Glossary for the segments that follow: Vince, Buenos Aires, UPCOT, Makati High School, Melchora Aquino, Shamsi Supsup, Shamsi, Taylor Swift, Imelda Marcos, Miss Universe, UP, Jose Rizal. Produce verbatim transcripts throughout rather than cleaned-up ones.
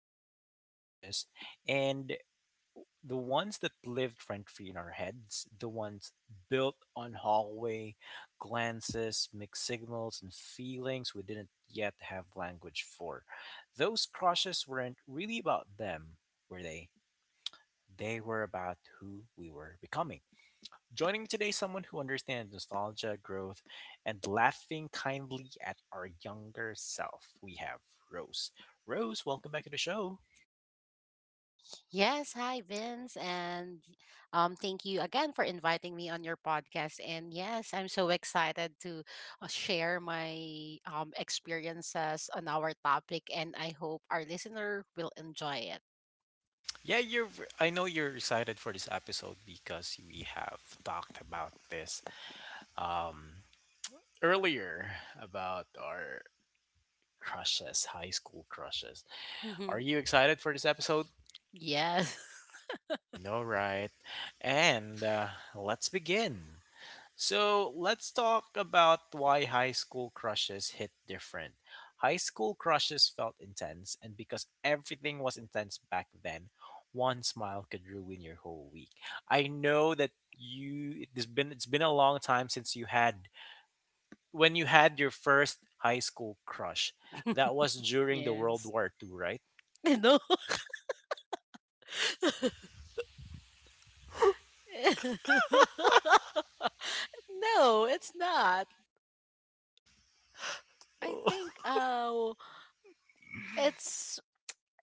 high school crushes and the ones that lived rent free in our heads, the ones built on hallway glances, mixed signals, and feelings we didn't yet have language for. Those crushes weren't really about them, were they? They were about who we were becoming. Joining me today is someone who understands nostalgia, growth, and laughing kindly at our younger self. We have Rose. Rose, welcome back to the show. Yes, hi Vince, and um, thank you again for inviting me on your podcast. And yes, I'm so excited to uh, share my um, experiences on our topic, and I hope our listener will enjoy it. Yeah, you're. I know you're excited for this episode because we have talked about this um, earlier about our crushes, high school crushes. Are you excited for this episode? Yes. You know, right? And uh, let's begin. So let's talk about why high school crushes hit different. High school crushes felt intense, and because everything was intense back then, one smile could ruin your whole week. I know that you it's been it's been a long time since you had when you had your first high school crush. That was during the World Yes. War Two, right? No. No, it's not. I Oh, think uh, it's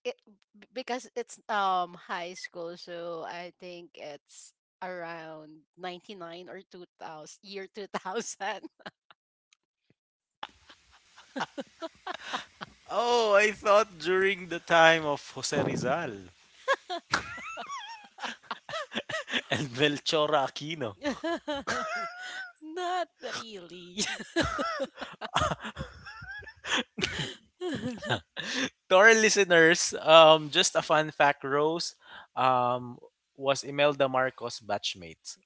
it b- because it's um high school, so I think it's around ninety-nine or two thousand, year two thousand. oh, I thought during the time of Jose Rizal and Melchora Aquino. Not really. To our listeners, um, just a fun fact: Rose, um, was Imelda Marcos' batchmate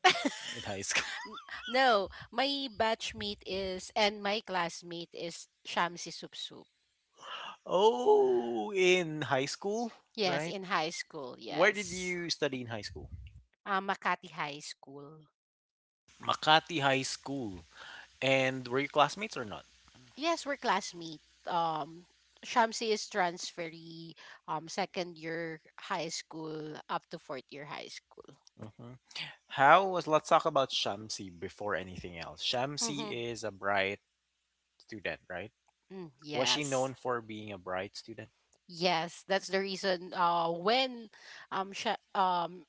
in high school. N- no, my batchmate is and my classmate is shamsi Supsup. Oh, in high school, Yes, right? in high school, Where did yes. you study in high school? uh, Makati high school. Makati High School. And were you classmates or not? Yes, we're classmate. Um, Shamsi is transferee, um, second year high school up to fourth year high school. Hmm. How was? Let's talk about Shamsi before anything else. Shamsi Mm-hmm. is a bright student, right? Mm, Was she yes. known for being a bright student? Yes, that's the reason uh when um Sha- um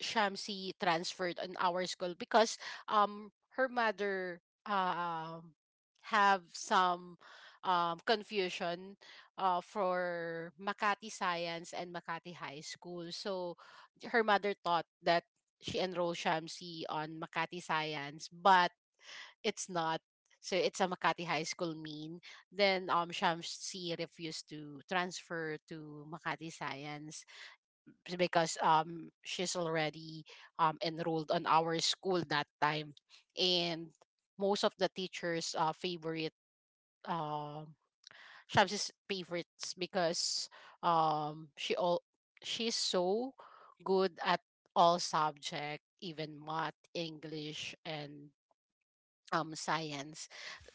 Shamsi transferred in our school because um her mother um have some um confusion uh for Makati Science and Makati High School. So her mother thought that she enrolled Shamsi on Makati Science, but it's not. So it's a Makati High School mean. Then um Shamsi refused to transfer to Makati Science b- because um she's already um enrolled on our school that time, and most of the teachers uh favorite um Shamsi's favorites because um she all she's so good at all subject, even math, English, and um science.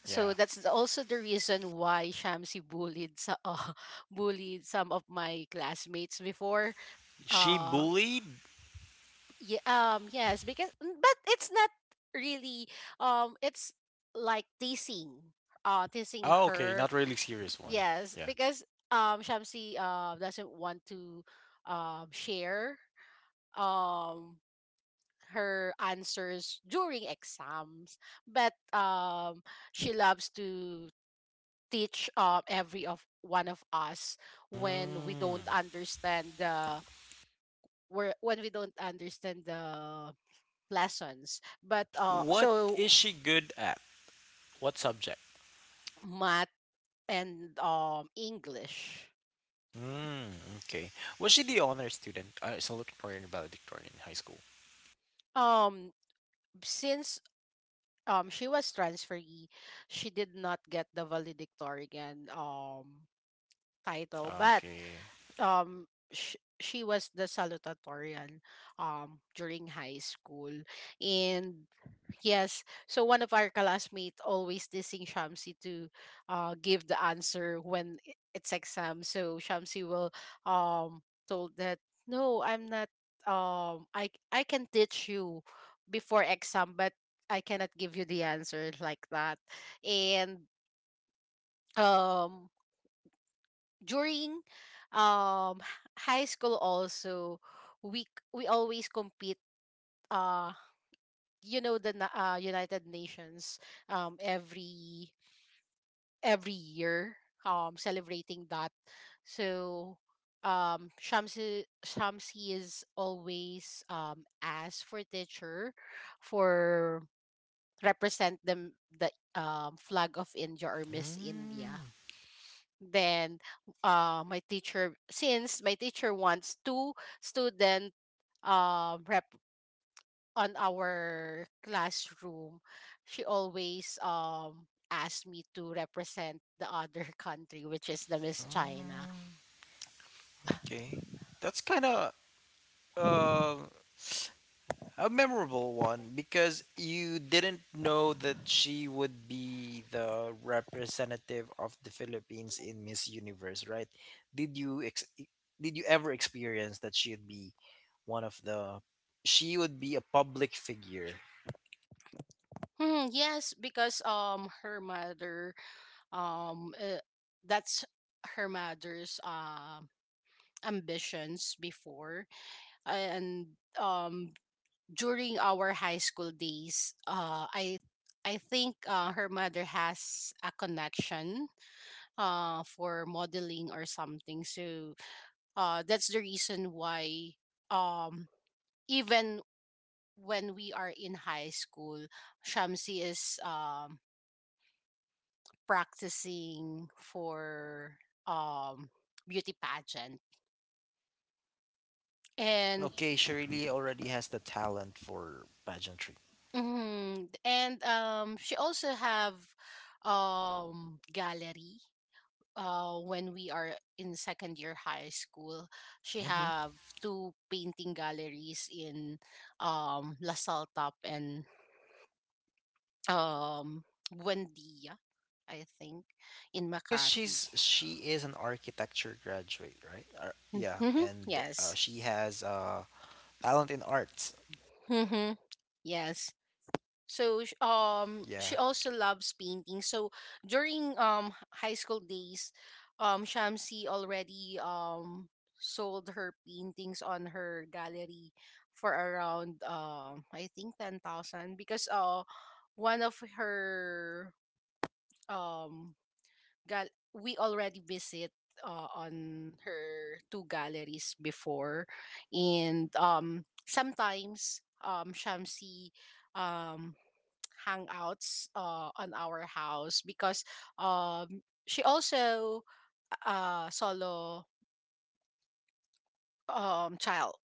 So Yeah. that's the- also the reason why Shamsi bullied, so uh, bullied some of my classmates before. She uh bullied. Yeah, um, yes, because mm, but it's not really um it's like teasing, uh teasing Oh, okay, her. not really serious one. Yes, Yeah. because um Shamsi uh doesn't want to um share um her answers during exams, but um she loves to teach um every of one of us when we Mm. don't understand the where when we don't understand the lessons. But uh, What so is she good at? What subject? math and um English. Mm, okay. Was she the honor student? I still looking for in valedictorian in high school. Um, since um she was transferee, she did not get the valedictorian um title, but Okay. um sh- she was the salutatorian um during high school, and yes, so one of our classmates always teasing shamsi to uh give the answer when i- it's exam, so shamsi will um told that no, I'm not, um i I can teach you before exam, but I cannot give you the answer like that. And um during um h- high school also, we c- we always compete. uh you know the na- uh, United Nations um every every year um celebrating that, so um Shamsi Shamsi is always um asked for teacher for represent them the um flag of India or Miss India. Mm, Then uh, my teacher, since my teacher wants two student um rep on our classroom, she always um asked me to represent the other country, which is the miss china. mm, okay. That's kind of. uh, A memorable one because you didn't know that she would be the representative of the Philippines in Miss Universe, right? Did you ex- did you ever experience that she'd be one of the she would be a public figure? Hmm, yes, because um her mother um uh, that's her mother's um ambitions before. And um during our high school days, uh, I I think uh, her mother has a connection uh, for modeling or something. So uh, that's the reason why, um, even when we are in high school, Shamsi is um, practicing for um, beauty pageant. And Okay, she really already has the talent for pageantry. mhm, and um, she also have um gallery uh, when we are in second year high school, she Mm-hmm. have two painting galleries in um La Top and um Buendia, I think, in Because Makati. she's she is an architecture graduate, right? Ar- yeah, Mhm, and yes. uh, she has uh, talent in arts. Mhm, yes. So sh- um she Yeah. also loves painting. So during um high school days, um Shamsi already um sold her paintings on her gallery for around um I think ten thousand, because uh one of her um gal- we already visit uh, on her two galleries before. And um sometimes um Shamsi um hangouts uh, on our house because um, she also uh solo um child,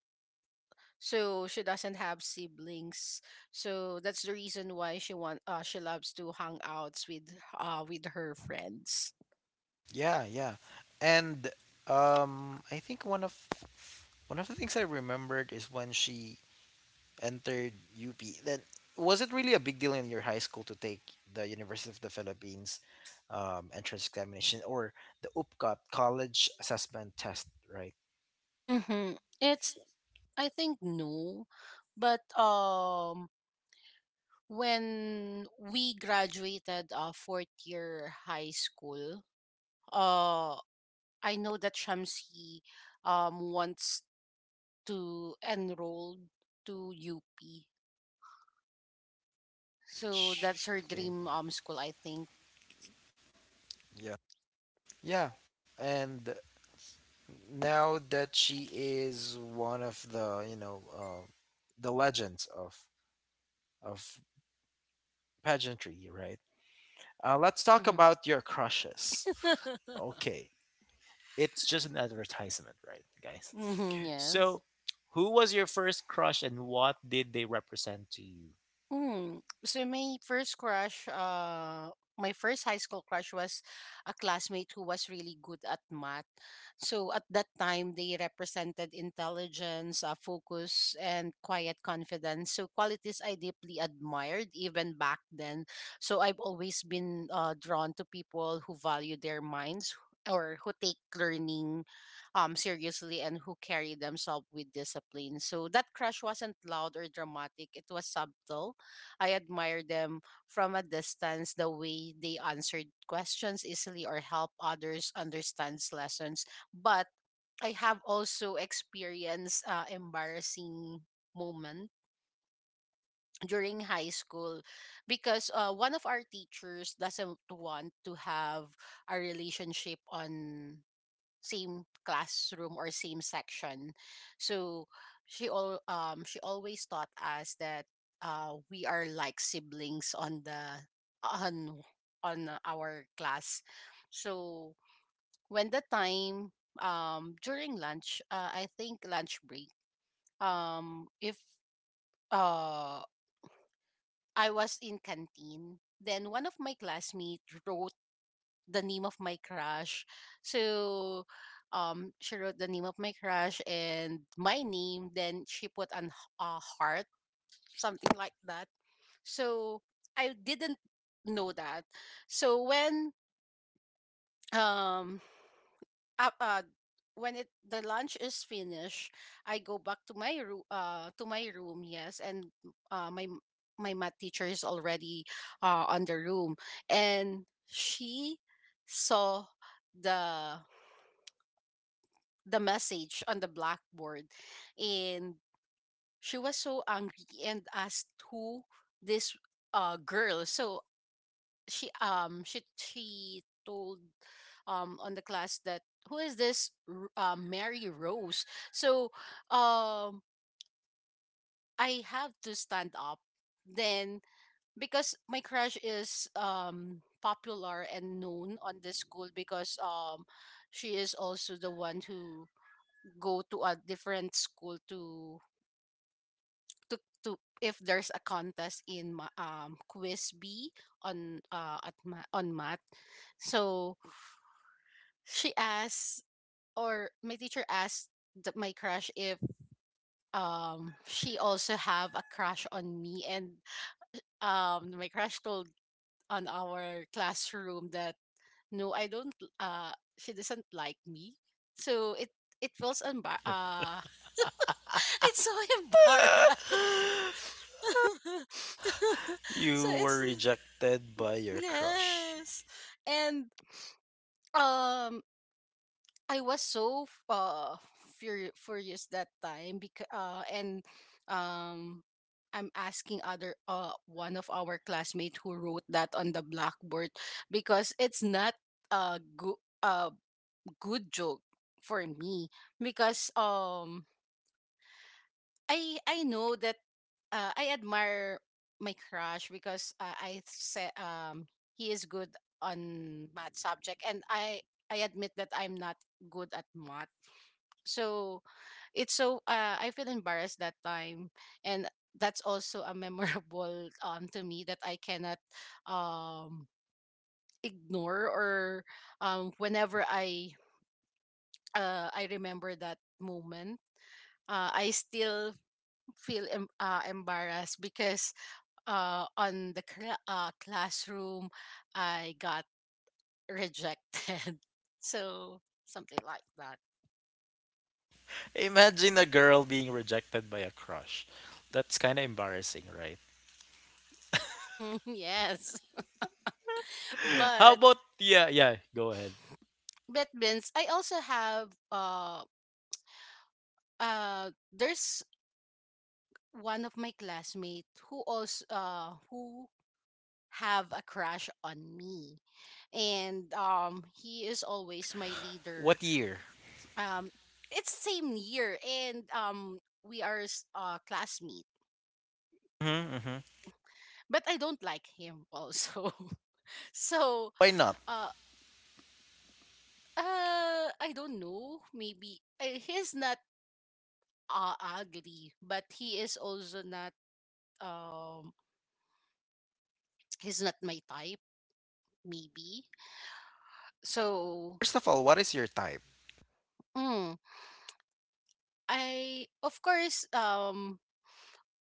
so she doesn't have siblings. So that's the reason why she want, uh, she loves to hang outs with uh with her friends. Yeah, yeah. And um I think one of one of the things I remembered is when she entered U P. Then was it really a big deal in your high school to take the University of the Philippines um, entrance examination or the U P C O T college assessment test, right? Mm-hmm. It's, I think, no, but um when we graduated uh fourth year high school, uh I know that Shamsi um wants to enroll to U P. So that's her Sh- Okay. dream um school, I think. Yeah. Yeah. And now that she is one of the, you know, uh, the legends of of pageantry, right? Uh, let's talk Mm-hmm. about your crushes. Okay, it's just an advertisement, right, guys? Mm-hmm. Yes. So, who was your first crush and what did they represent to you? Mm. So my first crush, uh, my first high school crush was a classmate who was really good at math. So at that time, they represented intelligence, uh, focus, and quiet confidence. So qualities I deeply admired even back then. So I've always been uh, drawn to people who value their minds or who take learning um, seriously, and who carry themselves with discipline. So that crush wasn't loud or dramatic. It was subtle. I admire them from a distance. The way they answered questions easily or help others understand lessons. But I have also experienced uh, embarrassing moment during high school because uh, one of our teachers doesn't want to have a relationship on same classroom or same section. So she all um she always taught us that uh we are like siblings on the on on our class. So when the time, um during lunch, uh, I think lunch break. Um if uh I was in canteen, then one of my classmates wrote the name of my crush. So um she wrote the name of my crush and my name, then she put an h- a heart, something like that. So I didn't know that. So when um uh, uh when it the lunch is finished, I go back to my room, uh to my room, yes, and uh my m- my math teacher is already uh on the room, and she saw the the message on the blackboard, and she was so angry and asked who this uh girl. So she um she she told um on the class that who is this R- uh, mary rose. So um I have to stand up, then, because my crush is um popular and known on the school because um she is also the one who go to a different school to to to if there's a contest in ma- um quiz B on uh at ma- on math. So she asked, or my teacher asked, the, my crush if um she also have a crush on me. And um my crush told on our classroom that no, I don't, uh she doesn't like me. So it it feels unbar uh it's so embarrassed. So you were it's. rejected by your crush. Yes. And um I was so f- uh furious furious that time, because uh and um I'm asking other, uh one of our classmates, who wrote that on the blackboard, because it's not a good, uh good joke for me, because um I I know that, uh, I admire my crush because, uh, I said, um he is good on math subject, and I I admit that I'm not good at math. So it's so, uh, I feel embarrassed that time. And that's also a memorable um to me, that I cannot um ignore. Or um whenever I uh I remember that moment, uh, I still feel em- uh, embarrassed, because uh, on the cla uh, classroom, I got rejected. So something like that. Imagine a girl being rejected by a crush. That's kind of embarrassing, right? Mhm, yes, How but about yeah, yeah, go ahead. but Vince, I also have uh uh there's one of my classmates who also uh who have a crush on me. And um he is always my leader. What year? um it's same year, and um we are s- uh classmate, Hmm, hmm. but I don't like him also. So Why not? uh uh I don't know, maybe, uh, he's not, uh, ugly, but he is also not, um he's not my type, maybe. So First of all, what is your type? mm, I of course um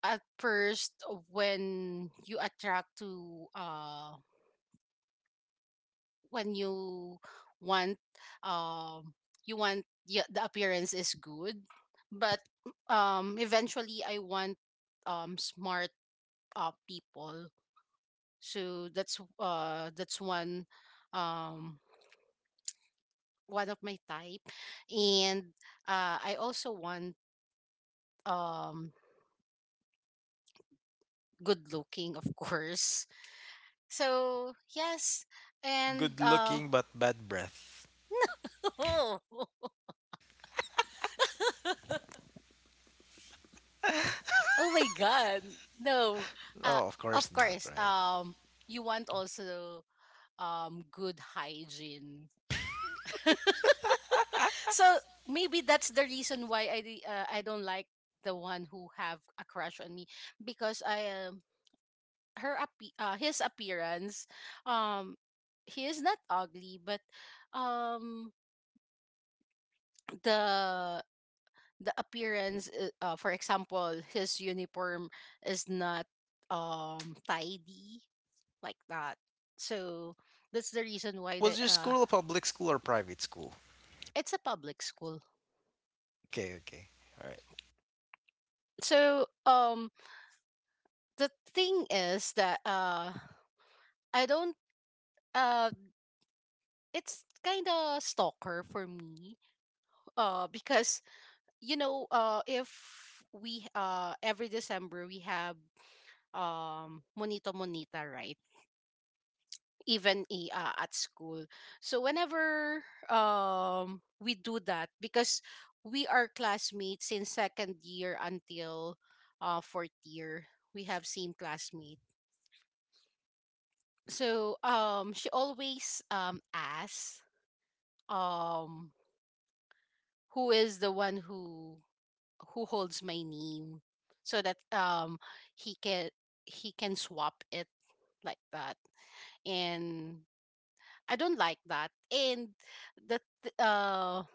at first, when you attract to, uh when you want, um you want yeah, the appearance is good, but um eventually I want um smart uh people. So that's, uh that's one um one of my type. And uh I also want um good looking, of course. So yes. And Good uh looking but bad breath. Oh my god. No. Uh No, of of course not, course. right? Um you want also um good hygiene. So maybe that's the reason why I di- uh, I don't like the one who have a crush on me, because I um her appe- uh, his appearance, um he is not ugly, but um the the appearance, uh, uh, for example, his uniform is not um tidy, like that. So that's the reason why the Was your uh school a public school or private school? it's a public school. Okay, okay. All right. So um the thing is that uh I don't uh it's kind of stalker for me, uh because you know, uh if we uh every December we have um monito monita, right, even i- uh, at school. So whenever um we do that, because we are classmates in second year until uh fourth year, we have same classmate. So um she always um asks um who is the one who who holds my name, so that um he can he can swap it, like that. And I don't like that. And that uh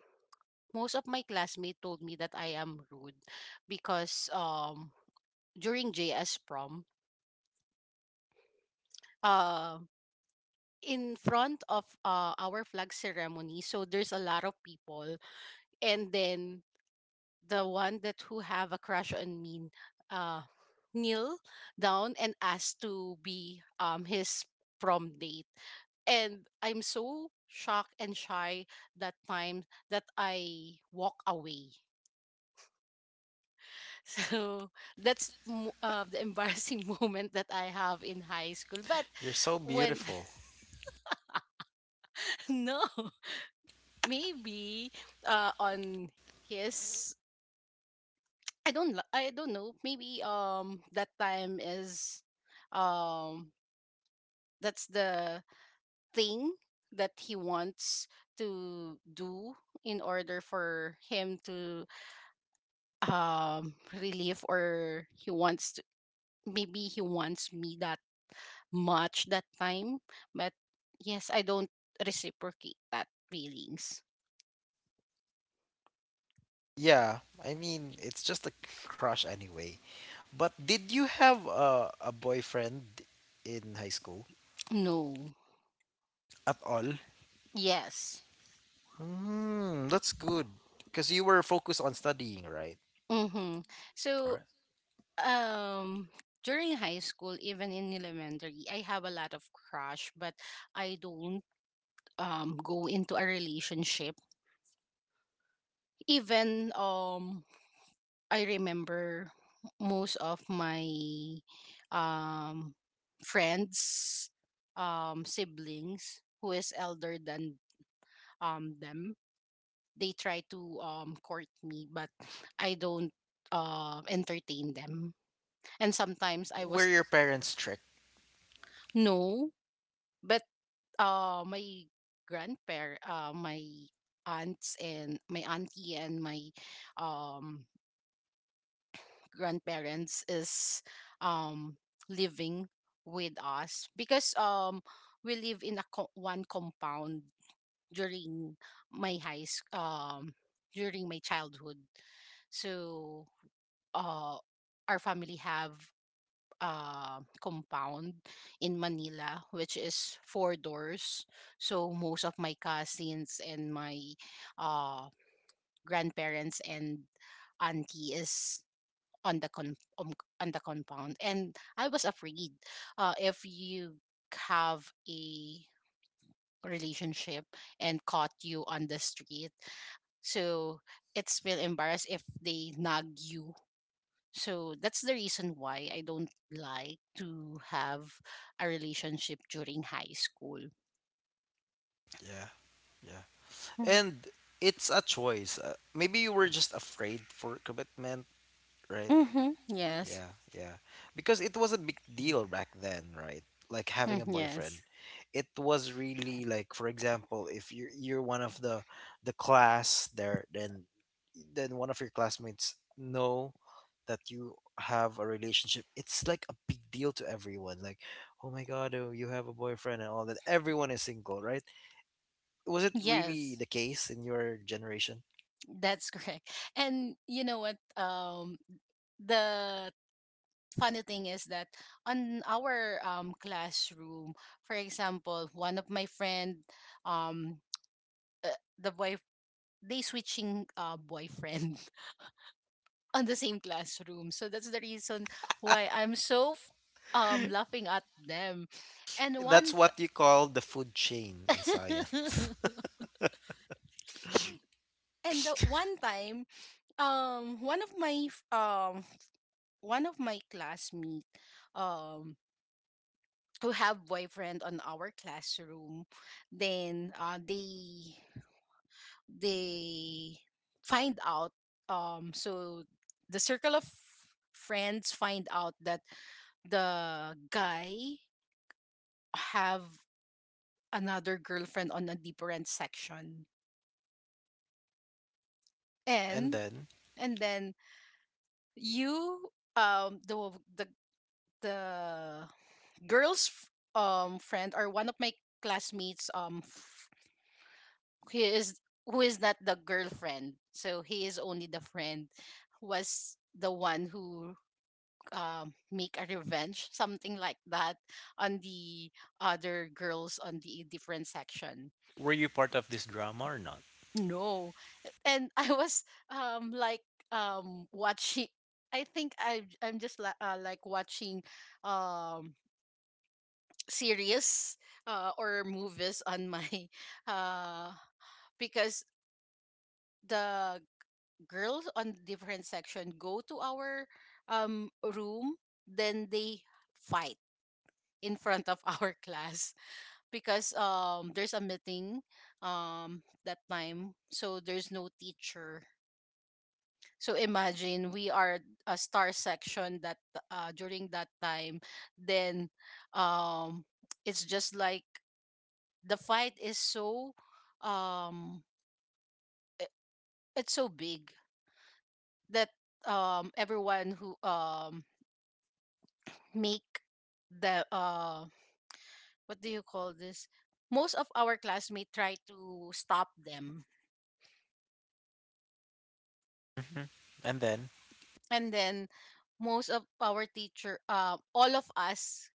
most of my classmates told me that I am rude because um during J S prom, uh in front of uh our flag ceremony, so there's a lot of people and then the one that who have a crush on me uh kneel down and asked to be um his prom date, and I'm so shocked and shy that time that I walk away. So that's mo- uh, the embarrassing moment that I have in high school. But You're so when beautiful. no, maybe uh on his i don't li- i don't know, maybe um that time is um that's the thing that he wants to do in order for him to um relieve, or he wants to, maybe he wants me that much that time. But yes, I don't reciprocate that feelings. Yeah, I mean, it's just a c- crush anyway. But did you have a, a boyfriend in high school No. at all? Yes. Hmm, that's good. Because you were focused on studying, right? Mm-hmm. so Right. um during high school, even in elementary, I have a lot of crush, but I don't um go into a relationship. Even um I remember most of my um friends, um siblings who is elder than um them, they try to um court me, but I don't um entertain them. And sometimes I Were was. your parents strict? No, but uh my grandparent, uh my aunts and my auntie and my um grandparents is um living with us, because um we live in a co- one compound during my high sc- um during my childhood. So uh our family have a compound in Manila, which is four doors. So most of my cousins and my uh grandparents and auntie is on the con- um, on the compound, and I was afraid, uh, if you have a relationship and caught you on the street, so it's feel embarrassed if they nag you. So that's the reason why I don't like to have a relationship during high school. Yeah, yeah. And it's a choice. Uh, maybe you were just afraid for commitment, right? Mm-hmm, yes. Yeah, yeah. Because it was a big deal back then, right? Like having Mm, a boyfriend. yes. It was really like for example, if you are you're one of the the class there then then one of your classmates know that you have a relationship, it's like a big deal to everyone. Like, oh my god, oh, you have a boyfriend and all that. Everyone is single, right? Was it really Yes, the case in your generation? that's correct. And you know what um the funny thing is that on our um, classroom, for example, one of my friend, um, uh, the boy, they switching uh, boyfriend on the same classroom. So that's the reason why I'm so f- um laughing at them. And That's one. what you call the food chain in science. And the one time, um, one of my f- um one of my classmate, um. who have boyfriend on our classroom, then uh, they they find out um so the circle of friends find out that the guy have another girlfriend on a different section. And and then. and then you um the the the girl's f- um friend, or one of my classmates, um he is who is not the girlfriend, so he is only the friend who was the one who um, make a revenge, something like that, on the other girls on the different section. Were you part of this drama or not? No. And I was um like um watching, I think i i'm just la- uh, like watching um series, uh, or movies on my uh, because the girls on different section go to our um room, then they fight in front of our class, because um there's a meeting um that time, so there's no teacher. So imagine we are a star section that uh during that time. Then um it's just like the fight is so um i- it's so big that um everyone who um make the uh what do you call this, most of our classmates try to stop them. Hmm. And then. And then most of our teacher, uh, all of us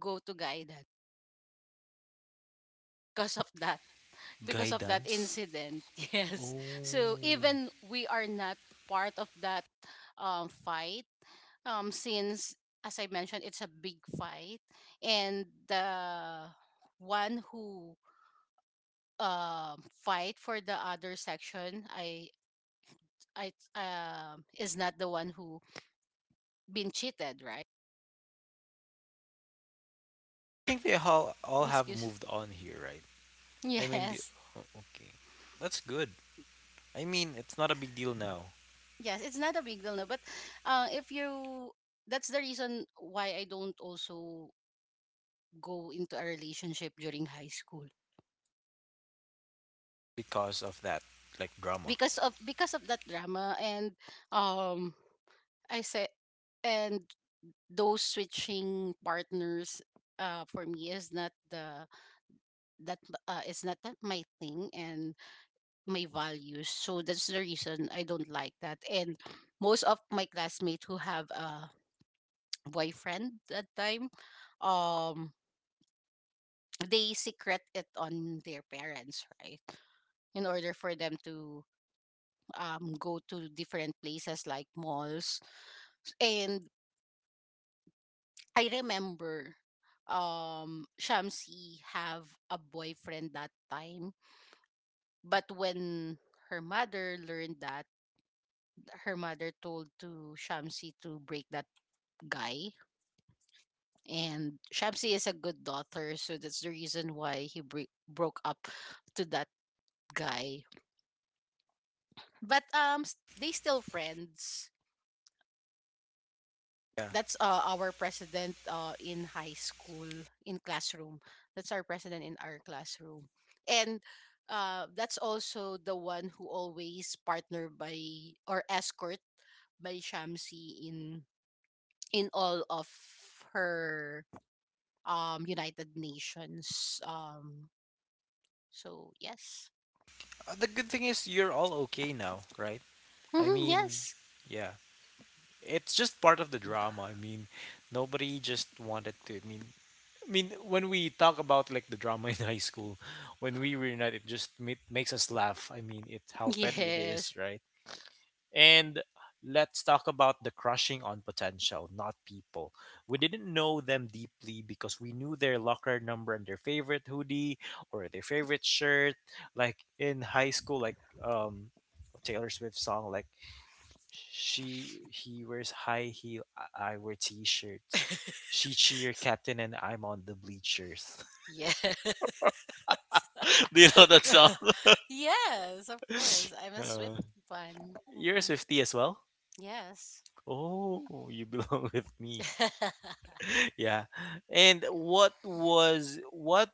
go to guidance because of that, because of that Guidance. incident. Oh. Yes. So I even we are not part of that, um, fight, um, since as I mentioned, it's a big fight. And the one who um fight for the other section, i i um is not the one who been cheated, right? think they all all have Excuse. moved on here, right? I mean, the, Yes. o- okay, that's good. I mean, it's not a big deal now Yes, it's not a big deal, no, but uh if you, that's the reason why I don't also go into a relationship during high school. because of that like drama. Because of because of that drama, and um I say, and those switching partners, uh for me is not the, that, uh is not that my thing and my values. So that's the reason I don't like that. And most of my classmates who have a boyfriend that time, um, they secret it on their parents, right? In order for them to um go to different places, like malls. And I remember um Shamsi have a boyfriend that time. But when her mother learned that, her mother told to Shamsi to break that guy. And Shamsi is a good daughter, so that's the reason why he bre- broke up to that guy. But um, s- they still friends. Yeah. That's uh, our president, uh, in high school, in classroom. That's our president in our classroom. And uh, that's also the one who always partner by or escort by Shamsi in in all of her um United Nations. Um so yes. Uh, The good thing is you're all okay now, right? I Hmm, mean, yes. yeah. It's just part of the drama. I mean, nobody just wanted to. I mean, I mean, when we talk about like the drama in high school, when we reunite, it just ma- makes us laugh. I mean, it's how petty it is, Yes. right? And let's talk about the crushing on potential, not people. We didn't know them deeply because we knew their locker number and their favorite hoodie or their favorite shirt. Like in high school, like um, Taylor Swift song, like she he wears high heel, I I wear t-shirts, she cheer captain and I'm on the bleachers. Yes. Do you know that song? Yes, of course. I'm a Uh, Swift fan. you're a Hmm. Swifty as well? Yes. Oh, you belong with me. Yeah. And what was what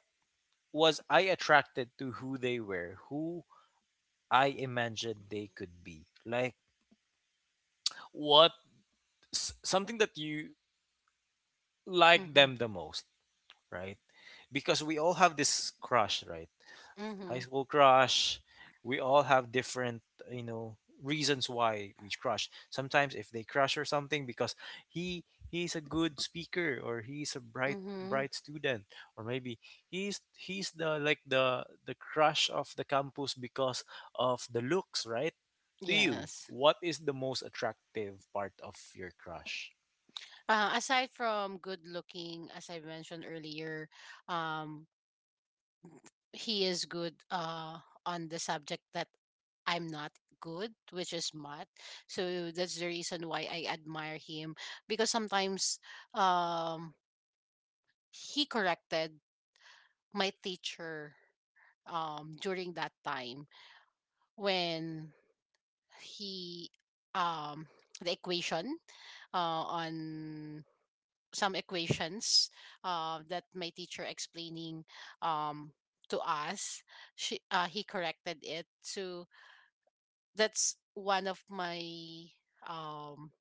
was I attracted to who they were, who I imagined they could be? Like what s- something that you like Mm-hmm. them the most, right? Because we all have this crush, right? High Mm-hmm. school crush. We all have different, you know, reasons why we crush. Sometimes if they crush or something because he he's a good speaker or he's a bright Mm-hmm. bright student or maybe he's he's the like the the crush of the campus because of the looks, right? To you, Yes. what is the most attractive part of your crush? Uh, aside from good looking, as I mentioned earlier, um, he is good uh, on the subject that I'm not good, which is math. So that's the reason why I admire him, because sometimes um he corrected my teacher um during that time, when he um the equation, uh, on some equations, uh, that my teacher explaining um to us, she, uh, he corrected it. So that's one of my um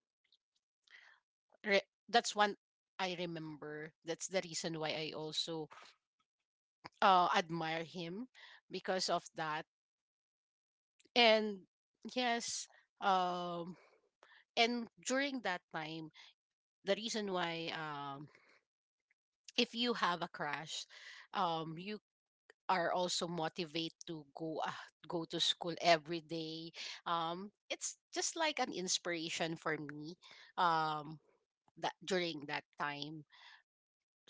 re- that's one, I remember that's the reason why I also, uh, admire him because of that. And yes, um, and during that time, the reason why, um, if you have a crush, um, you are also motivated to go, uh, go to school every day. Um, it's just like an inspiration for me. Um, that during that time.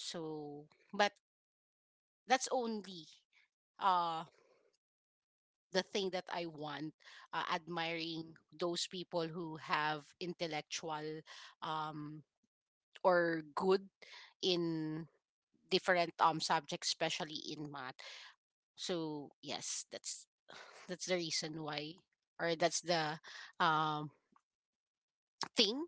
So, but that's only uh the thing that I want, uh, admiring those people who have intellectual um or good in different um subjects, especially in math. So yes, that's that's the reason why, or that's the um thing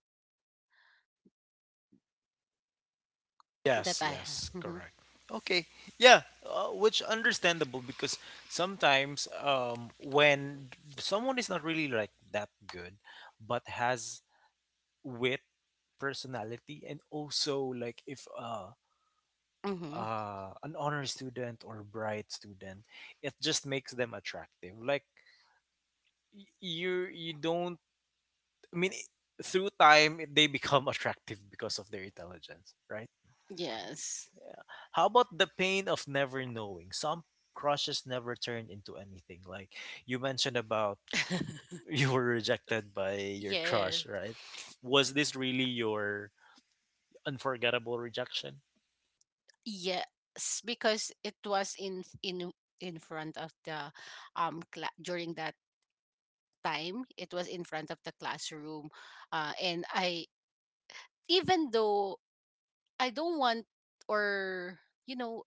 that Yes, I have. yes, Mm-hmm. correct. Okay, yeah, uh, which understandable because sometimes um, when someone is not really like that good, but has wit, personality, and also like if uh, Mm-hmm. uh, an honor student or bright student, it just makes them attractive. Like y- you, you don't. I mean, through time, they become attractive because of their intelligence, right? Yes. How about the pain of never knowing? Some crushes never turn into anything. Like you mentioned about you were rejected by your Yeah. crush, right? Was this really your unforgettable rejection? Yes, because it was in in in front of the um cla- during that time, it was in front of the classroom, uh, and I, even though I don't want, or you know,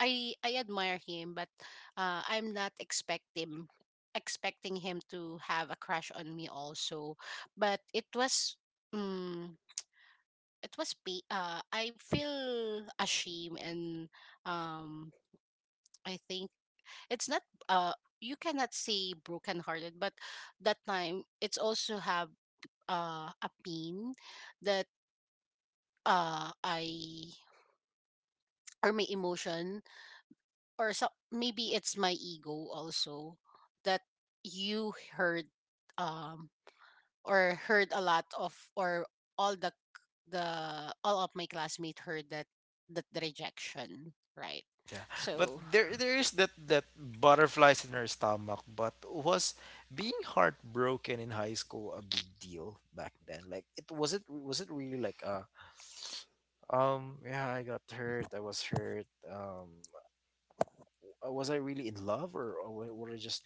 I I admire him, but uh, I'm not expecting expecting him to have a crush on me also. But it was um, it was pa- uh, I feel ashamed, and um I think it's not, uh you cannot say brokenhearted, but that time it's also have uh a pain, that uh I, or my emotion, or so, maybe it's my ego also, that you heard um or heard a lot of, or all the the all of my classmates heard that, that the rejection, right? Yeah, but So. there there is that that butterflies in her stomach. But was being heartbroken in high school a big deal back then? Like it wasn't was it really like uh um yeah, I got hurt I was hurt, um uh, was I really in love or, or wa- was I just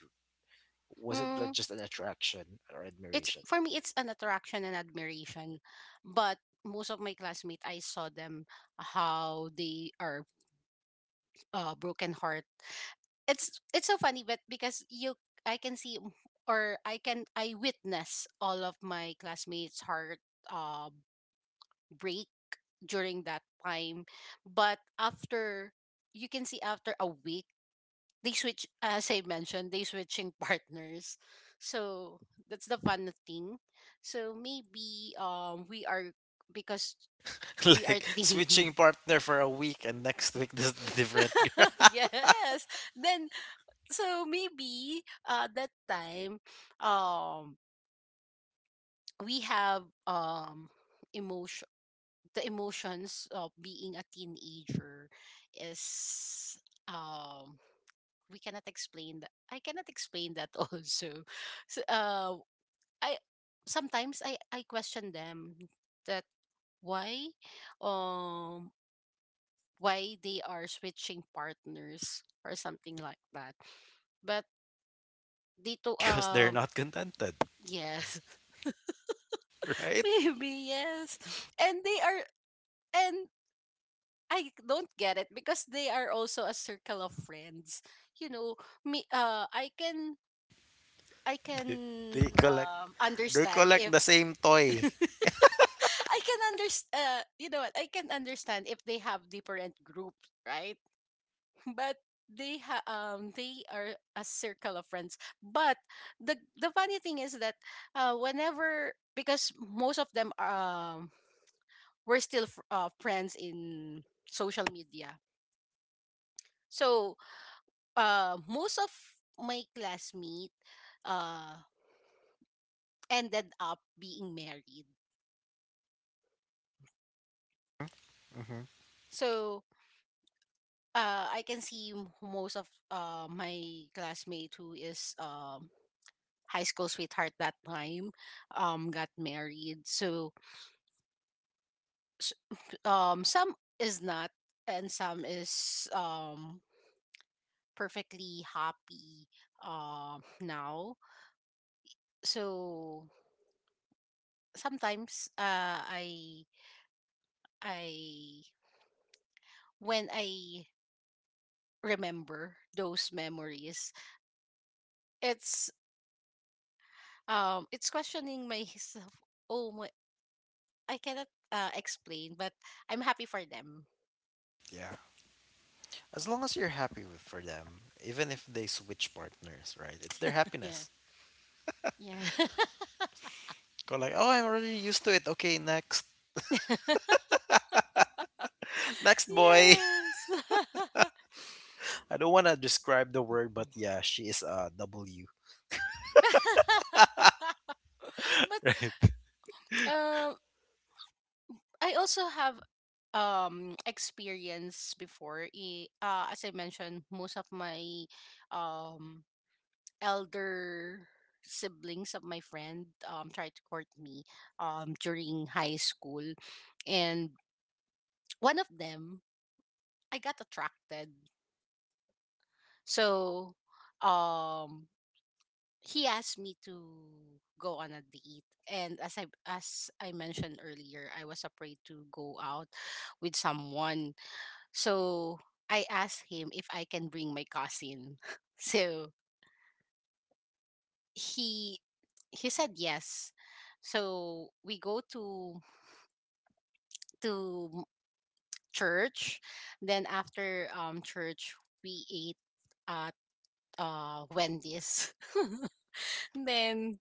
was it like Mm, just an attraction or it's, admiration? for me it's an attraction and admiration, but most of my classmates, I saw them how they are, uh, broken. It's it's so funny, but because you, I can see m- or I can, I witness all of my classmates heart uh break during that time. But after, you can see, after a week, they switch, as I mentioned, they switching partners. So that's the fun thing. So maybe um we are because we are Like teen. switching partner for a week and next week this different girl, Yes. Then so maybe uh that time um we have um emotion, the emotions of being a teenager is um we cannot explain that, I cannot explain that also. So, uh I sometimes i i question them, that why um why they are switching partners, or something like that. But they to because they're um not contented, yes. right? Maybe, yes. And they are, and I don't get it because they are also a circle of friends. You know, me uh I can, I They, can they collect um they understand collect if. the same toy. I can understand, uh, you know what, I can understand if they have different groups, right? But they ha um they are a circle of friends. But the the funny thing is that uh whenever, because most of them, um we're still fr- uh, friends in social media. So uh, most of my classmate, uh, ended up being married. Hmm. So uh, I can see m- most of uh, my classmate who is, um, high school sweetheart that time, um, got married. So s- um, some is not, and some is um, perfectly happy um now. So sometimes uh I I when I remember those memories, it's um it's questioning myself. Oh my, I cannot uh explain, but I'm happy for them. Yeah, as long as you're happy with for them, even if they switch partners, right? It's their Yeah. happiness. Yeah. Go like, oh, I'm already used to it. Okay, next, next boy. Yes. I don't want to describe the word, but yeah, she is a W. But Right? um I also have um experience before. I, uh as I mentioned, most of my um elder siblings of my friend um tried to court me um during high school. And one of them, I got attracted. So um he asked me to go on a date, and as I as I mentioned earlier, I was afraid to go out with someone. So I asked him if I can bring my cousin, so he he said yes. So we go to to church. Then after um church, we ate at uh Wendy's. Then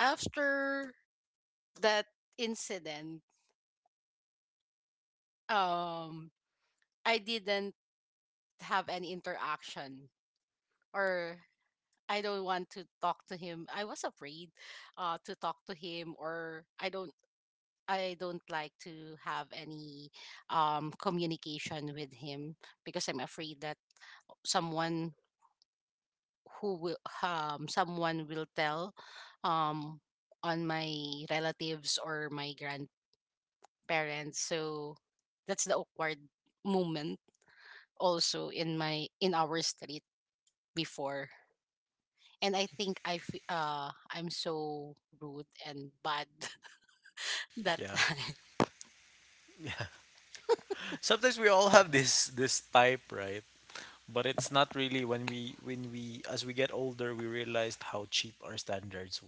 after that incident, um, I didn't have any interaction, or I don't want to talk to him. I was afraid uh, to talk to him, or I don't I don't like to have any um, communication with him because I'm afraid that someone who will um, someone will tell um, on my relatives or my grandparents. So that's the awkward moment also in my in our street before. And I think I f- uh, I'm so rude and bad that Yeah. time. Sometimes we all have this this type, right? But it's not really when we when we as we get older we realized how cheap our standards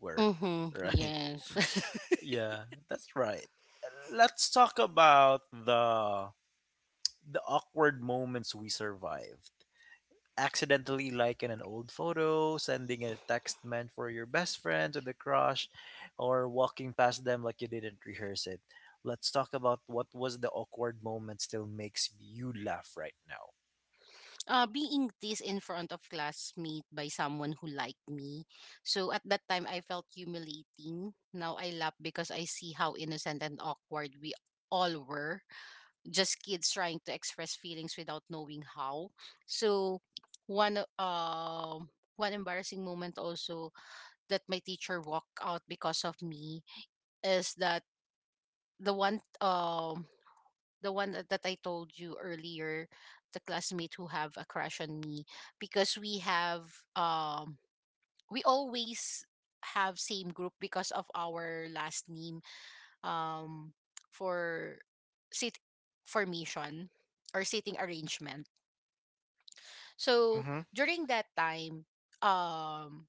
were. Mm-hmm, right. yes. Yeah, that's right. Let's talk about the the awkward moments we survived: accidentally liking an old photo, sending a text meant for your best friend to the crush, or walking past them like you didn't rehearse it. Let's talk about what was the awkward moment still makes you laugh right now. uh, being teased in front of classmate by someone who liked me. So at that time, I felt humiliating. Now I laugh because I see how innocent and awkward we all were. Just kids trying to express feelings without knowing how. So one o- um one embarrassing moment also, that my teacher walked out because of me, is that the one um the one that that I told you earlier, the classmate who have a crush on me, because we have, um we always have same group because of our last name, um for sit formation or seating arrangement. So Mm-hmm. during that time, um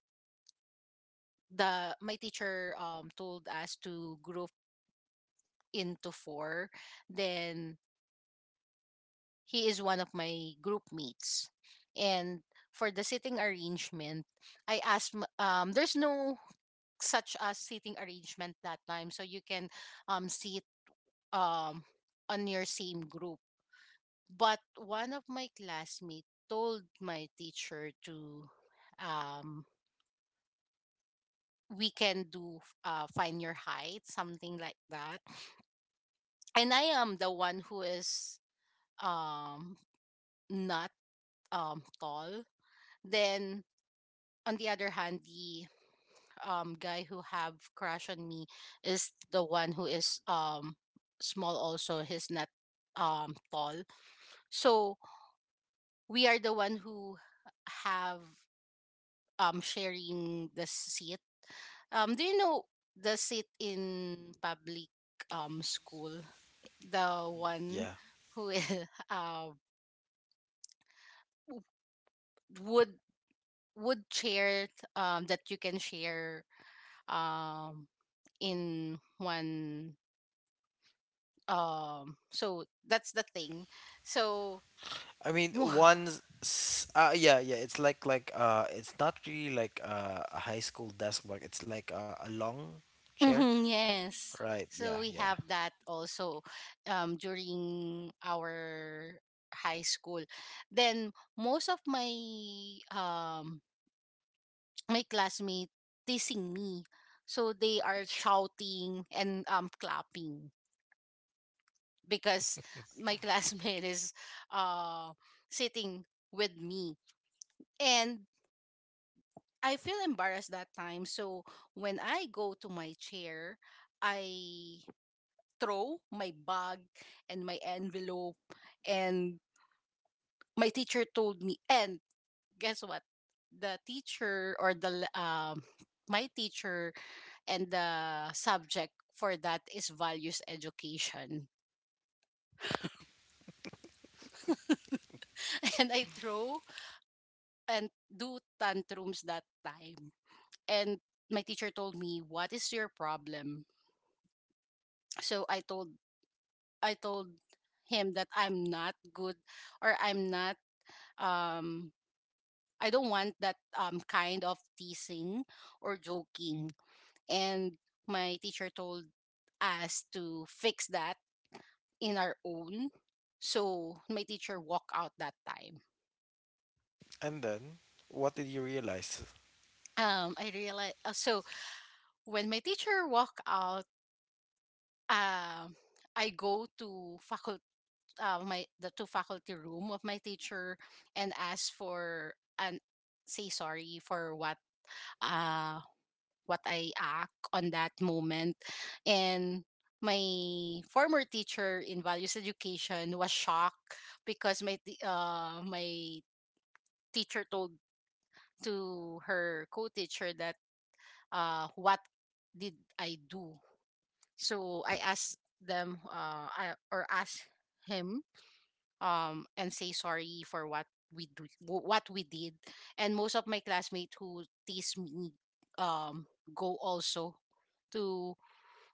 the my teacher um told us to group into four, then he is one of my group mates. And for the sitting arrangement, I asked m- um there's no such as sitting arrangement that time, so you can um sit um on your same group. But one of my classmates told my teacher to, um we can do, uh find your height, something like that, and I am the one who is um not um tall, then on the other hand, the um guy who have crush on me is the one who is um small also. He's not um tall. So we are the one who have, um sharing the seat. Um, do you know the seat in public um school? The one Yeah, who is uh w- would would chair, um that you can share, um in one, um so that's the thing, so I mean, mo- one's s- uh, yeah, yeah. It's like like uh, it's not really like uh, a high school desk block. It's like a, a long chair, Mhm, yes, right? Yeah, so we yeah. have that also um during our high school, then most of my um my classmates teasing me, so they are shouting and um clapping because my classmate is, uh sitting with me, and I feel embarrassed that time. So when I go to my chair, I throw my bag and my envelope, and my teacher told me, and guess what? The teacher, or the l- um my teacher, and the subject for that is values education. And I throw and do tantrums that time. And my teacher told me, "What is your problem?" So I told I told him that I'm not good, or I'm not, um I don't want that um kind of teasing or joking. And my teacher told us to fix that in our own. So my teacher walked out that time. And then, what did you realize? Um I realized, uh, so when my teacher walked out, um I go to faculty, uh, my the two faculty room of my teacher, and ask for, and say sorry for what uh what I act on that moment, and my former teacher in values education was shocked, because my t- uh my teacher told to her co-teacher that, uh what did I do, so I asked them uh I, or asked him, um and say sorry for what we do what we did, and most of my classmates who teased me um go also to,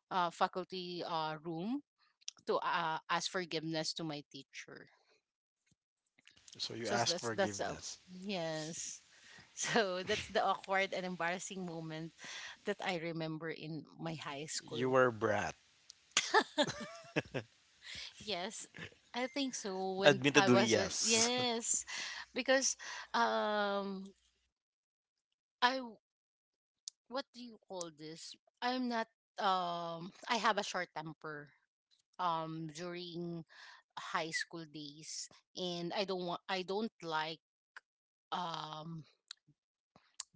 uh, faculty, uh, room to, uh, ask forgiveness to my teacher, So you so asked that's that's uh, forgiveness. yes, so that's the awkward and embarrassing moment that I remember in my high You school. were a brat. Yes, I think so when I Admittedly, was a, yes. yes. Because um I, what do you call this? I'm not, um I have a short temper um during high school days, and I don't want I don't like um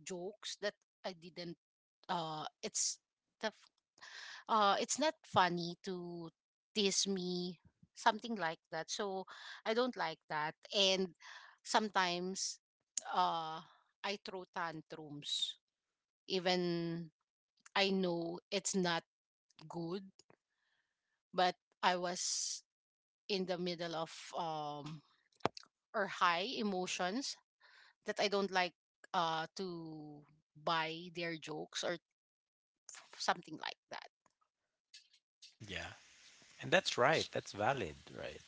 jokes that I didn't, uh it's the f- uh it's not funny to tease me, something like that. So I don't like that, and sometimes uh I throw tantrums, even I know it's not good, but I was in the middle of, um or high emotions, that I don't like uh to buy their jokes or something like that. Yeah. And that's right. That's valid, right?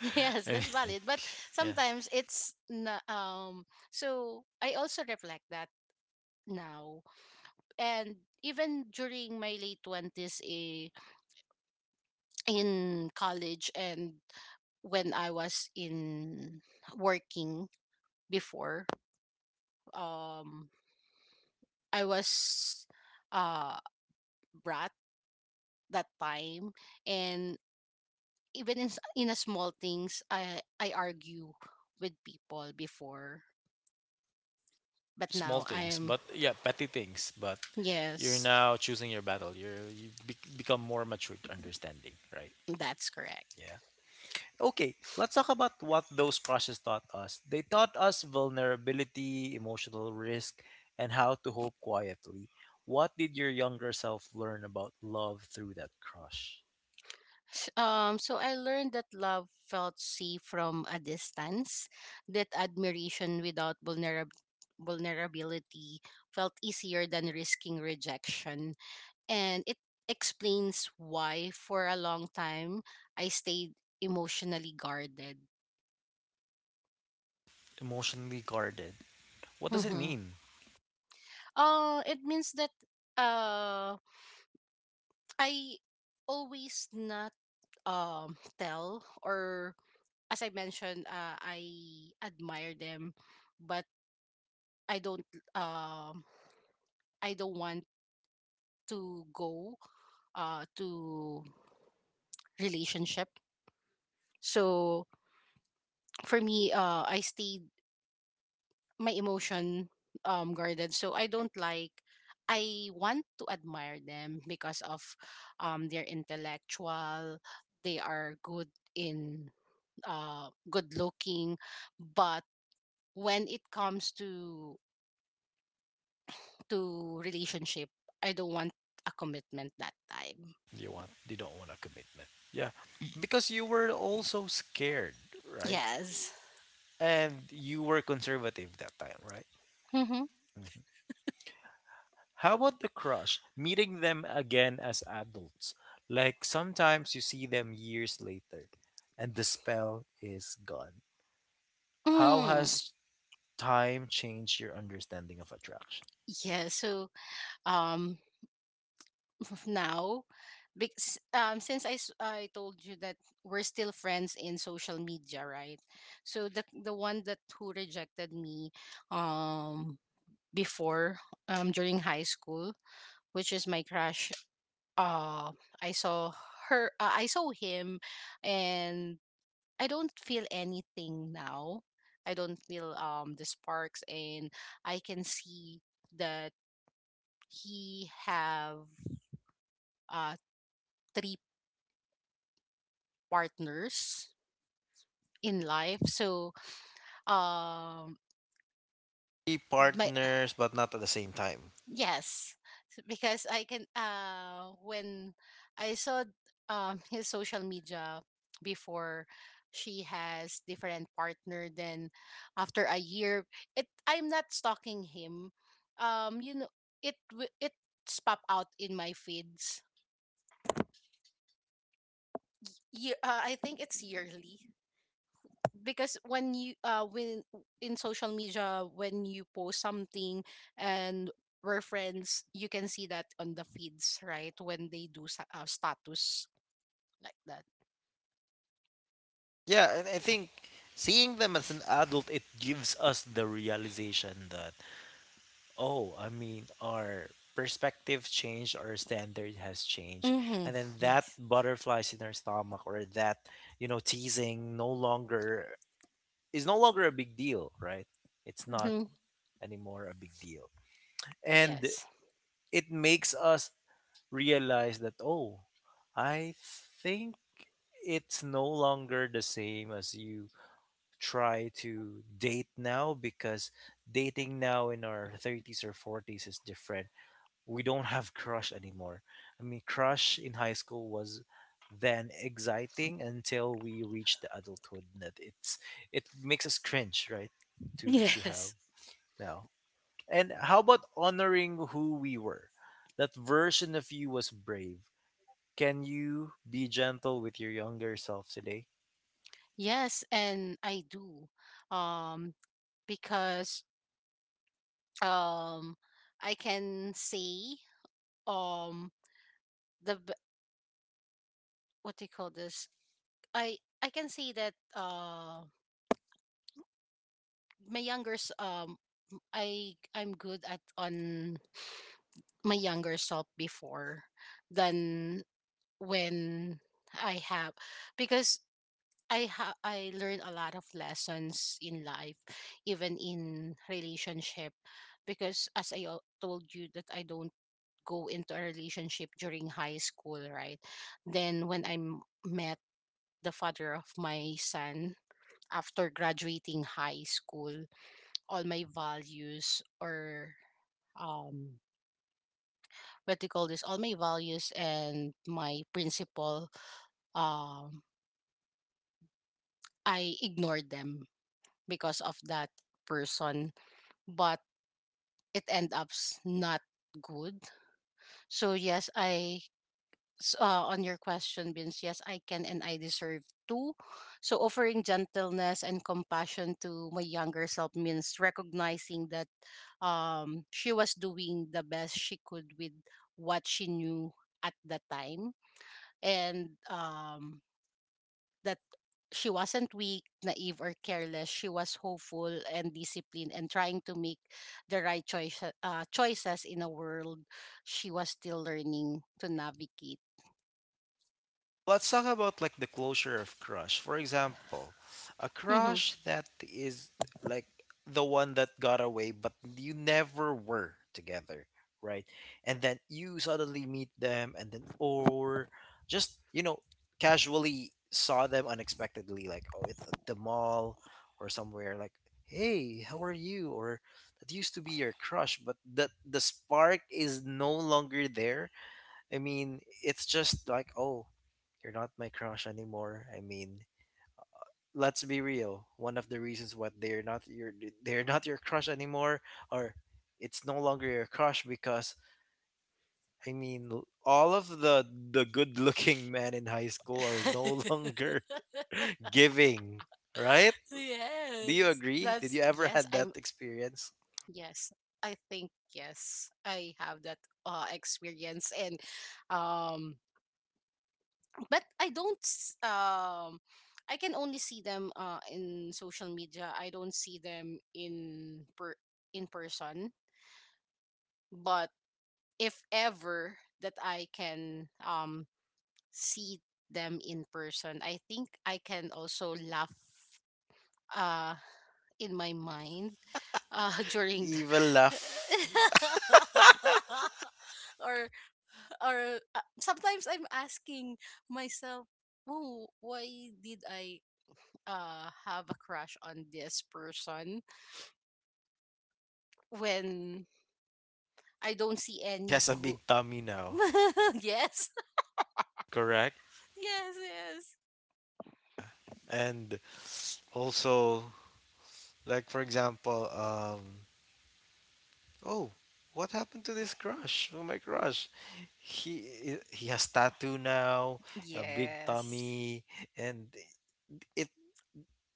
Yes, I mean, that's valid. But yeah. sometimes it's na um so I also reflect that now. And even during my late twenties, eh, in college, and when I was in working before, um I was, uh brat that time, and even in s- in a small things I I argue with people before, but Small now things, I'm, but yeah, petty things, but you're yes, now choosing your battle. You're you be- become more mature to understanding, right? that's correct. Yeah. Okay, let's talk about what those crushes taught us. They taught us vulnerability, emotional risk, and how to hope quietly. What did your younger self learn about love through that crush? S- Um so I learned that love felt safe from a distance, that admiration without vulnerab- vulnerability felt easier than risking rejection, and it explains why for a long time I stayed emotionally guarded. Emotionally guarded. What does it Mhm. mean? Uh it means that uh I always not um tell, or as I mentioned, uh, I admire them, but I don't um I don't want to go uh to relationship. So for me, uh I stayed my emotion, um guarded, so I don't like, I want to admire them because of, um they're intellectual, they are good in, uh good looking, but when it comes to to relationship, I don't want a commitment that time. You want you don't want a commitment. Yeah. Because you were also scared, right? Yes. And you were conservative that time, right? Mm-hmm. How about the crush? Meeting them again as adults. Like sometimes you see them years later and the spell is gone. How Mm. has time changed your understanding of attraction? Yeah, so um now, because um since I, s- I told you that we're still friends in social media, right? So the the one that who rejected me um before, um during high school, which is my crush, uh I saw her uh, I saw him and I don't feel anything now. I don't feel um the sparks, and I can see that he have, uh three partners in life. So, um, Be my partners, but not at the same time. yes, so, because I can. Uh, when I saw um his social media before, she has different partner. Then, after a year, it I'm not stalking him. Um, you know, it wi- it's pop out in my feeds. Yeah, uh, I think it's yearly. Because when you, uh when in social media, when you post something and we're friends, you can see that on the feeds, right, when they do sa- uh, status, like that. Yeah, and I think seeing them as an adult, it gives us the realization that oh, I mean, our perspective changed, our standard has changed. Mm-hmm. And then that Yes. butterflies in our stomach or that, you know, teasing no longer is no longer a big deal, right? It's not Mm-hmm. anymore a big deal. And Yes. it makes us realize that, oh, I think it's no longer the same as you try to date now, because dating now in our thirties or forties is different. We don't have crush anymore. I mean, crush in high school was then exciting until we reached the adulthood that it's it makes us cringe, right? To to yes have now. And how about honoring who we were? That version of you was brave. Can you be gentle with your younger self today? yes, and I do, um because, um I can say, um the b- what do you call this? I I can say that, uh my younger s- um I I'm good at on my younger self before, than when I have, because I ha- I learn a lot of lessons in life, even in relationship, because as I al- told you that I don't go into a relationship during high school, right? Then when I m- met the father of my son after graduating high school, all my values, or um what do you call this all my values and my principle, um I ignored them because of that person. But it end up, s- not good. So yes, i s- uh, on your question, Vince, yes, I can, and I deserve too. So, offering gentleness and compassion to my younger self means recognizing that, um, she was doing the best she could with what she knew at the time, and, um, that she wasn't weak, naive, or careless. She was hopeful and disciplined, and trying to make the right choice, uh, choices in a world she was still learning to navigate. Let's talk about like the closure of crush. For example, a crush that is like the one that got away, but you never were together, right? And then you suddenly meet them, and then or just you know casually saw them unexpectedly, like, oh, at at the mall or somewhere, like, hey, how are you? Or that used to be your crush but the the spark is no longer there. I mean, it's just like, oh, you're not my crush anymore. I mean, let's be real. One of the reasons why they're not your they're not your crush anymore, or it's no longer your crush because, I mean, l- all of the the good looking men in high school are no longer giving, right? Do you Yes. agree? Did That's, you ever yes, had that I'm, experience? yes. I think yes. I have that uh experience, and um but I don't, s- um I can only see them uh in social media. I don't see them in per in person. But if ever that I can um see them in person, I think I can also laugh, uh in my mind, uh during Evil the, laugh or or uh, sometimes I'm asking myself, oh, why did I uh have a crush on this person when I don't see any has a good? big tummy now, Yes. Yes. correct? Yes. And also, like for example, um, oh, what happened to this crush? Oh my crush. He he has tattoo now, a big Yes. tummy, and it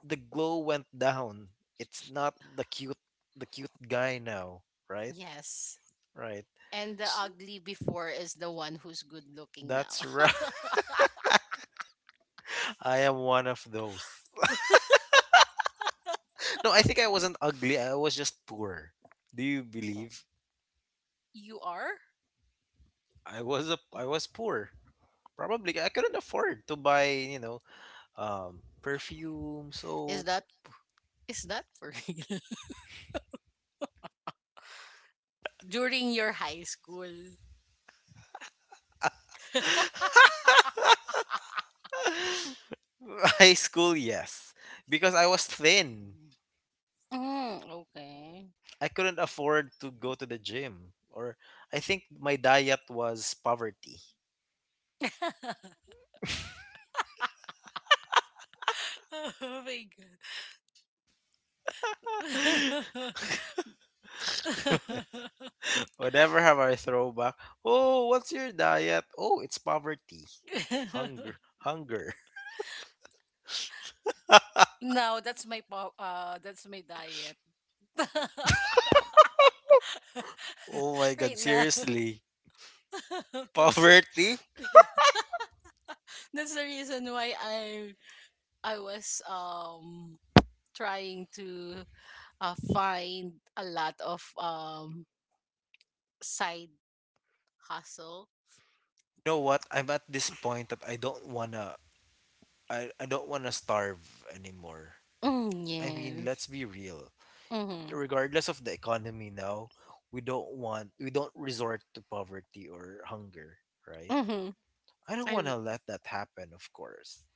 the glow went down. It's not the cute the cute guy now, right? Yes. Right. And the S- ugly before is the one who's good looking now. That's right. I am one of those. No, I think I wasn't ugly. I was just poor. Do you believe? You are? I was a I was poor. Probably I couldn't afford to buy, you know, um perfume, Is soap, that Is that for real? During your high school? high school, yes, because I was thin. Mm, okay. I couldn't afford to go to the gym, or I think my diet was poverty. Oh my god. Whenever have I throwback, oh, what's your diet? Oh, it's poverty, hunger, hunger. No, that's my, po- uh that's my diet. Oh my God, Right now. seriously, poverty. That's the reason why I I was, um trying to, uh, find a lot of um side hustle. You know what? I'm at this point that I don't wanna, I, I don't wanna starve anymore. Mm, I mean, yeah. let's be real. Mhm. Regardless of the economy now, we don't want we don't resort to poverty or hunger, right? Mhm. I don't I want w- to let that happen, of course.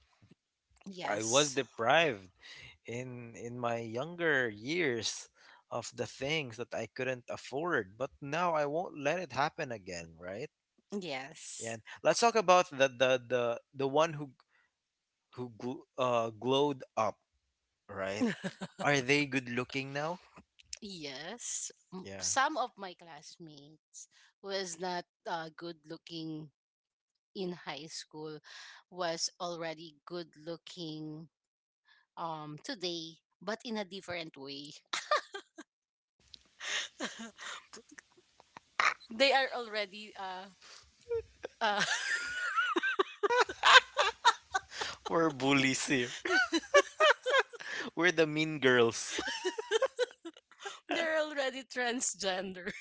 I was yes. deprived in in my younger years of the things that I couldn't afford, but now I won't let it happen again, right? Yeah. Yes. And let's talk about the the the, the one who who gl- uh, glowed up, right? Are they good looking now? Yes. M- Yeah. Some of my classmates was not, uh, good looking in high school, was already good looking um today, but in a different way. They are already, uh uh We're bullies here. We're the mean girls. they're already transgender.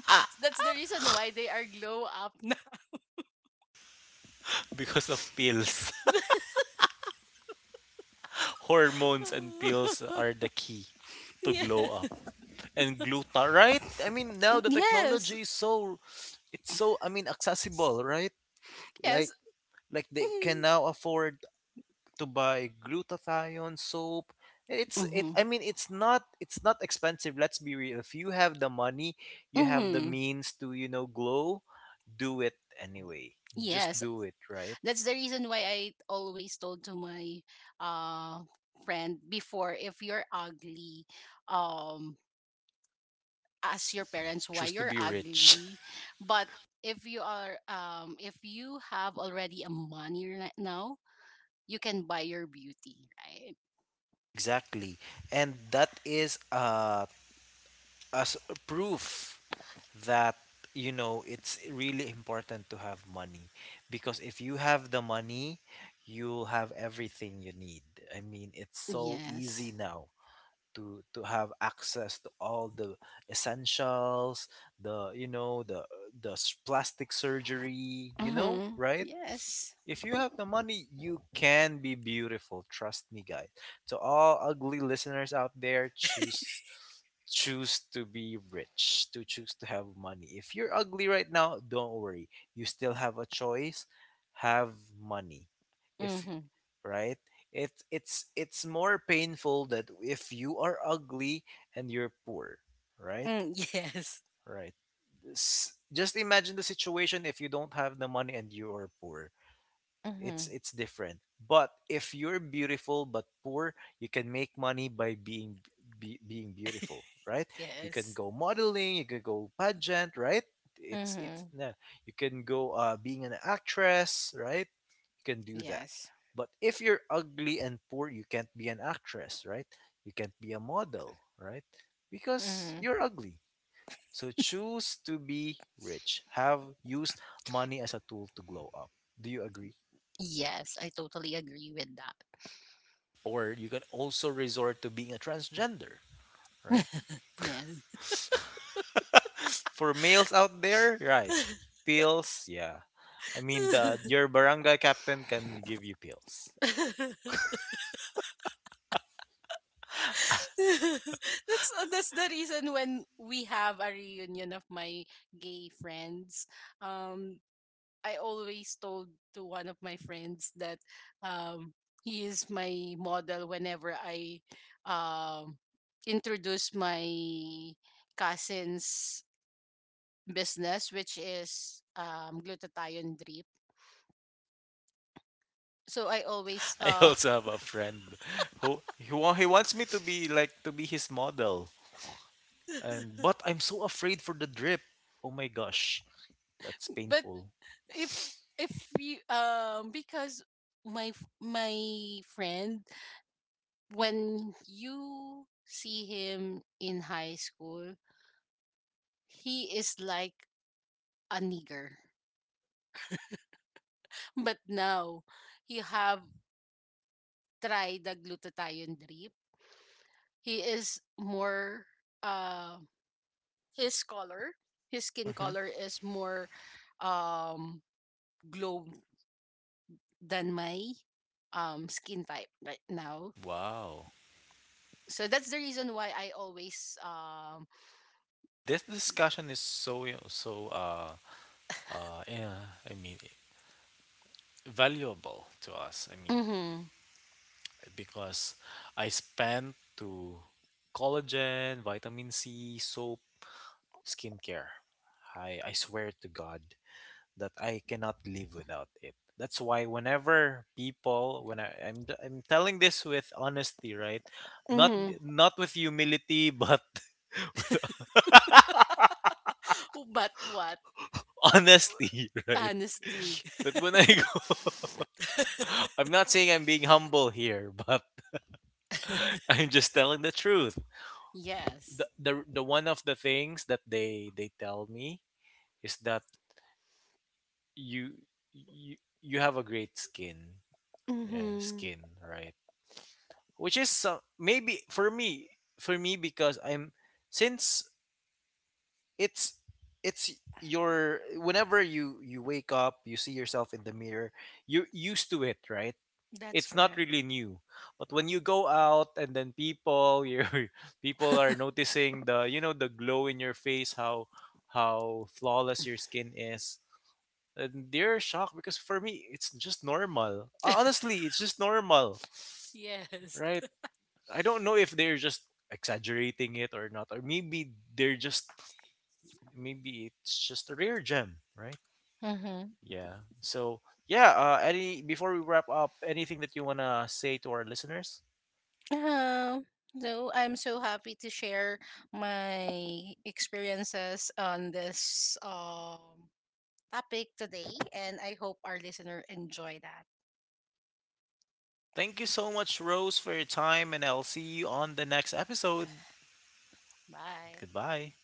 That's the reason why they are glow up now. Because of pills. Hormones and pills are the key to glow Yeah. up. And gluta, right? I mean, now the Yes. technology is so it's so I mean accessible, right? Like Yes. like they can Mm-hmm. now afford to buy glutathione soap. And it's it Mm-hmm. I mean it's not it's not expensive, let's be real. If you have the money, you have the Mm-hmm. means to, you know, glow, do it anyway. Just Yes. do it, right? That's the reason why I always told to my, uh friend before, if you're ugly, um ask your parents why Choose to you're be rich. ugly. But if you are um if you have already a money right now, you can buy your beauty, right? Exactly. And that is uh, as proof that, you know, it's really important to have money. Because if you have the money, you'll have everything you need. I mean, it's so easy Yes. now to, to have access to all the essentials, the, you know, the, the s- plastic surgery, you know, Mm-hmm. right? Yes. If you have the money, you can be beautiful. Trust me, guys. To all ugly listeners out there, choose choose to be rich, to choose to have money. If you're ugly right now, don't worry. You still have a choice. Have money. If Mm-hmm. right? It's it's it's more painful that if you are ugly and you're poor, right? Mm, yes. Right. S- just imagine the situation. If you don't have the money and you are poor, it's Mm-hmm. it's different. But if you're beautiful but poor, you can make money by being be, being beautiful, right? You can Yes. go modeling, you can go pageant, right? It's Mm-hmm. it's no. You can go uh, being an actress, right? You can do that. Yes, But if you're ugly and poor, you can't be an actress, right? You can't be a model, right? Because Mm-hmm. you're ugly. So choose to be rich. Have used money as a tool to glow up. Do you agree? Yes, I totally agree with that. Or you can also resort to being a transgender, right? Yeah. For males out there, right? Pills, yeah. I mean, the your barangay captain can give you pills. That's, uh, that's the reason when we have a reunion of my gay friends. Um, I always told to one of my friends that um he is my model whenever I, um introduce my cousin's business, which is um glutathione drip. So I always, I uh also have a friend who he, wa- he wants me to be like to be his model, and but I'm so afraid for the drip. Oh my gosh, that's but painful. if if you, um because my f- my friend, when you see him in high school, he is like a nigger, but now he have tried the glutathione drip, he is more, uh his color, his skin Hmm. color is more, um glow than my um skin type right now, Wow, so that's the reason why I always um this discussion is so, you know, so uh uh yeah, I mean valuable to us. I mean, Mhm. because I spent to collagen, vitamin C, soap, skincare. I I swear to God that I cannot live without it. That's why whenever people when I, I'm I'm telling this with honesty, right? Not Mhm. not with humility, but But what? honesty, right? Honesty. But when I go, I'm not saying I'm being humble here, but I'm just telling the truth. Yes. The, the the one of the things that they they tell me is that you you you have a great skin, yeah, Mhm. skin, right, which is some maybe for me, for me because I'm since it's it's your whenever you you wake up you see yourself in the mirror, you're used to it, right? That's It's not correct. really new, but when you go out and then people you people are noticing the, you know, the glow in your face, how how flawless your skin is, and they're shocked because for me it's just normal. Uh, honestly, it's just normal, Yes. right? I don't know if they're just exaggerating it or not, or maybe they're just maybe it's just a rare gem, right? Mm-hmm. Yeah. So yeah, uh, any before we wrap up, anything that you want to say to our listeners? Um, so I'm so happy to share my experiences on this um topic today, and I hope our listener enjoy that. Thank you so much, Rose, for your time, and I'll see you on the next episode. Bye. Goodbye.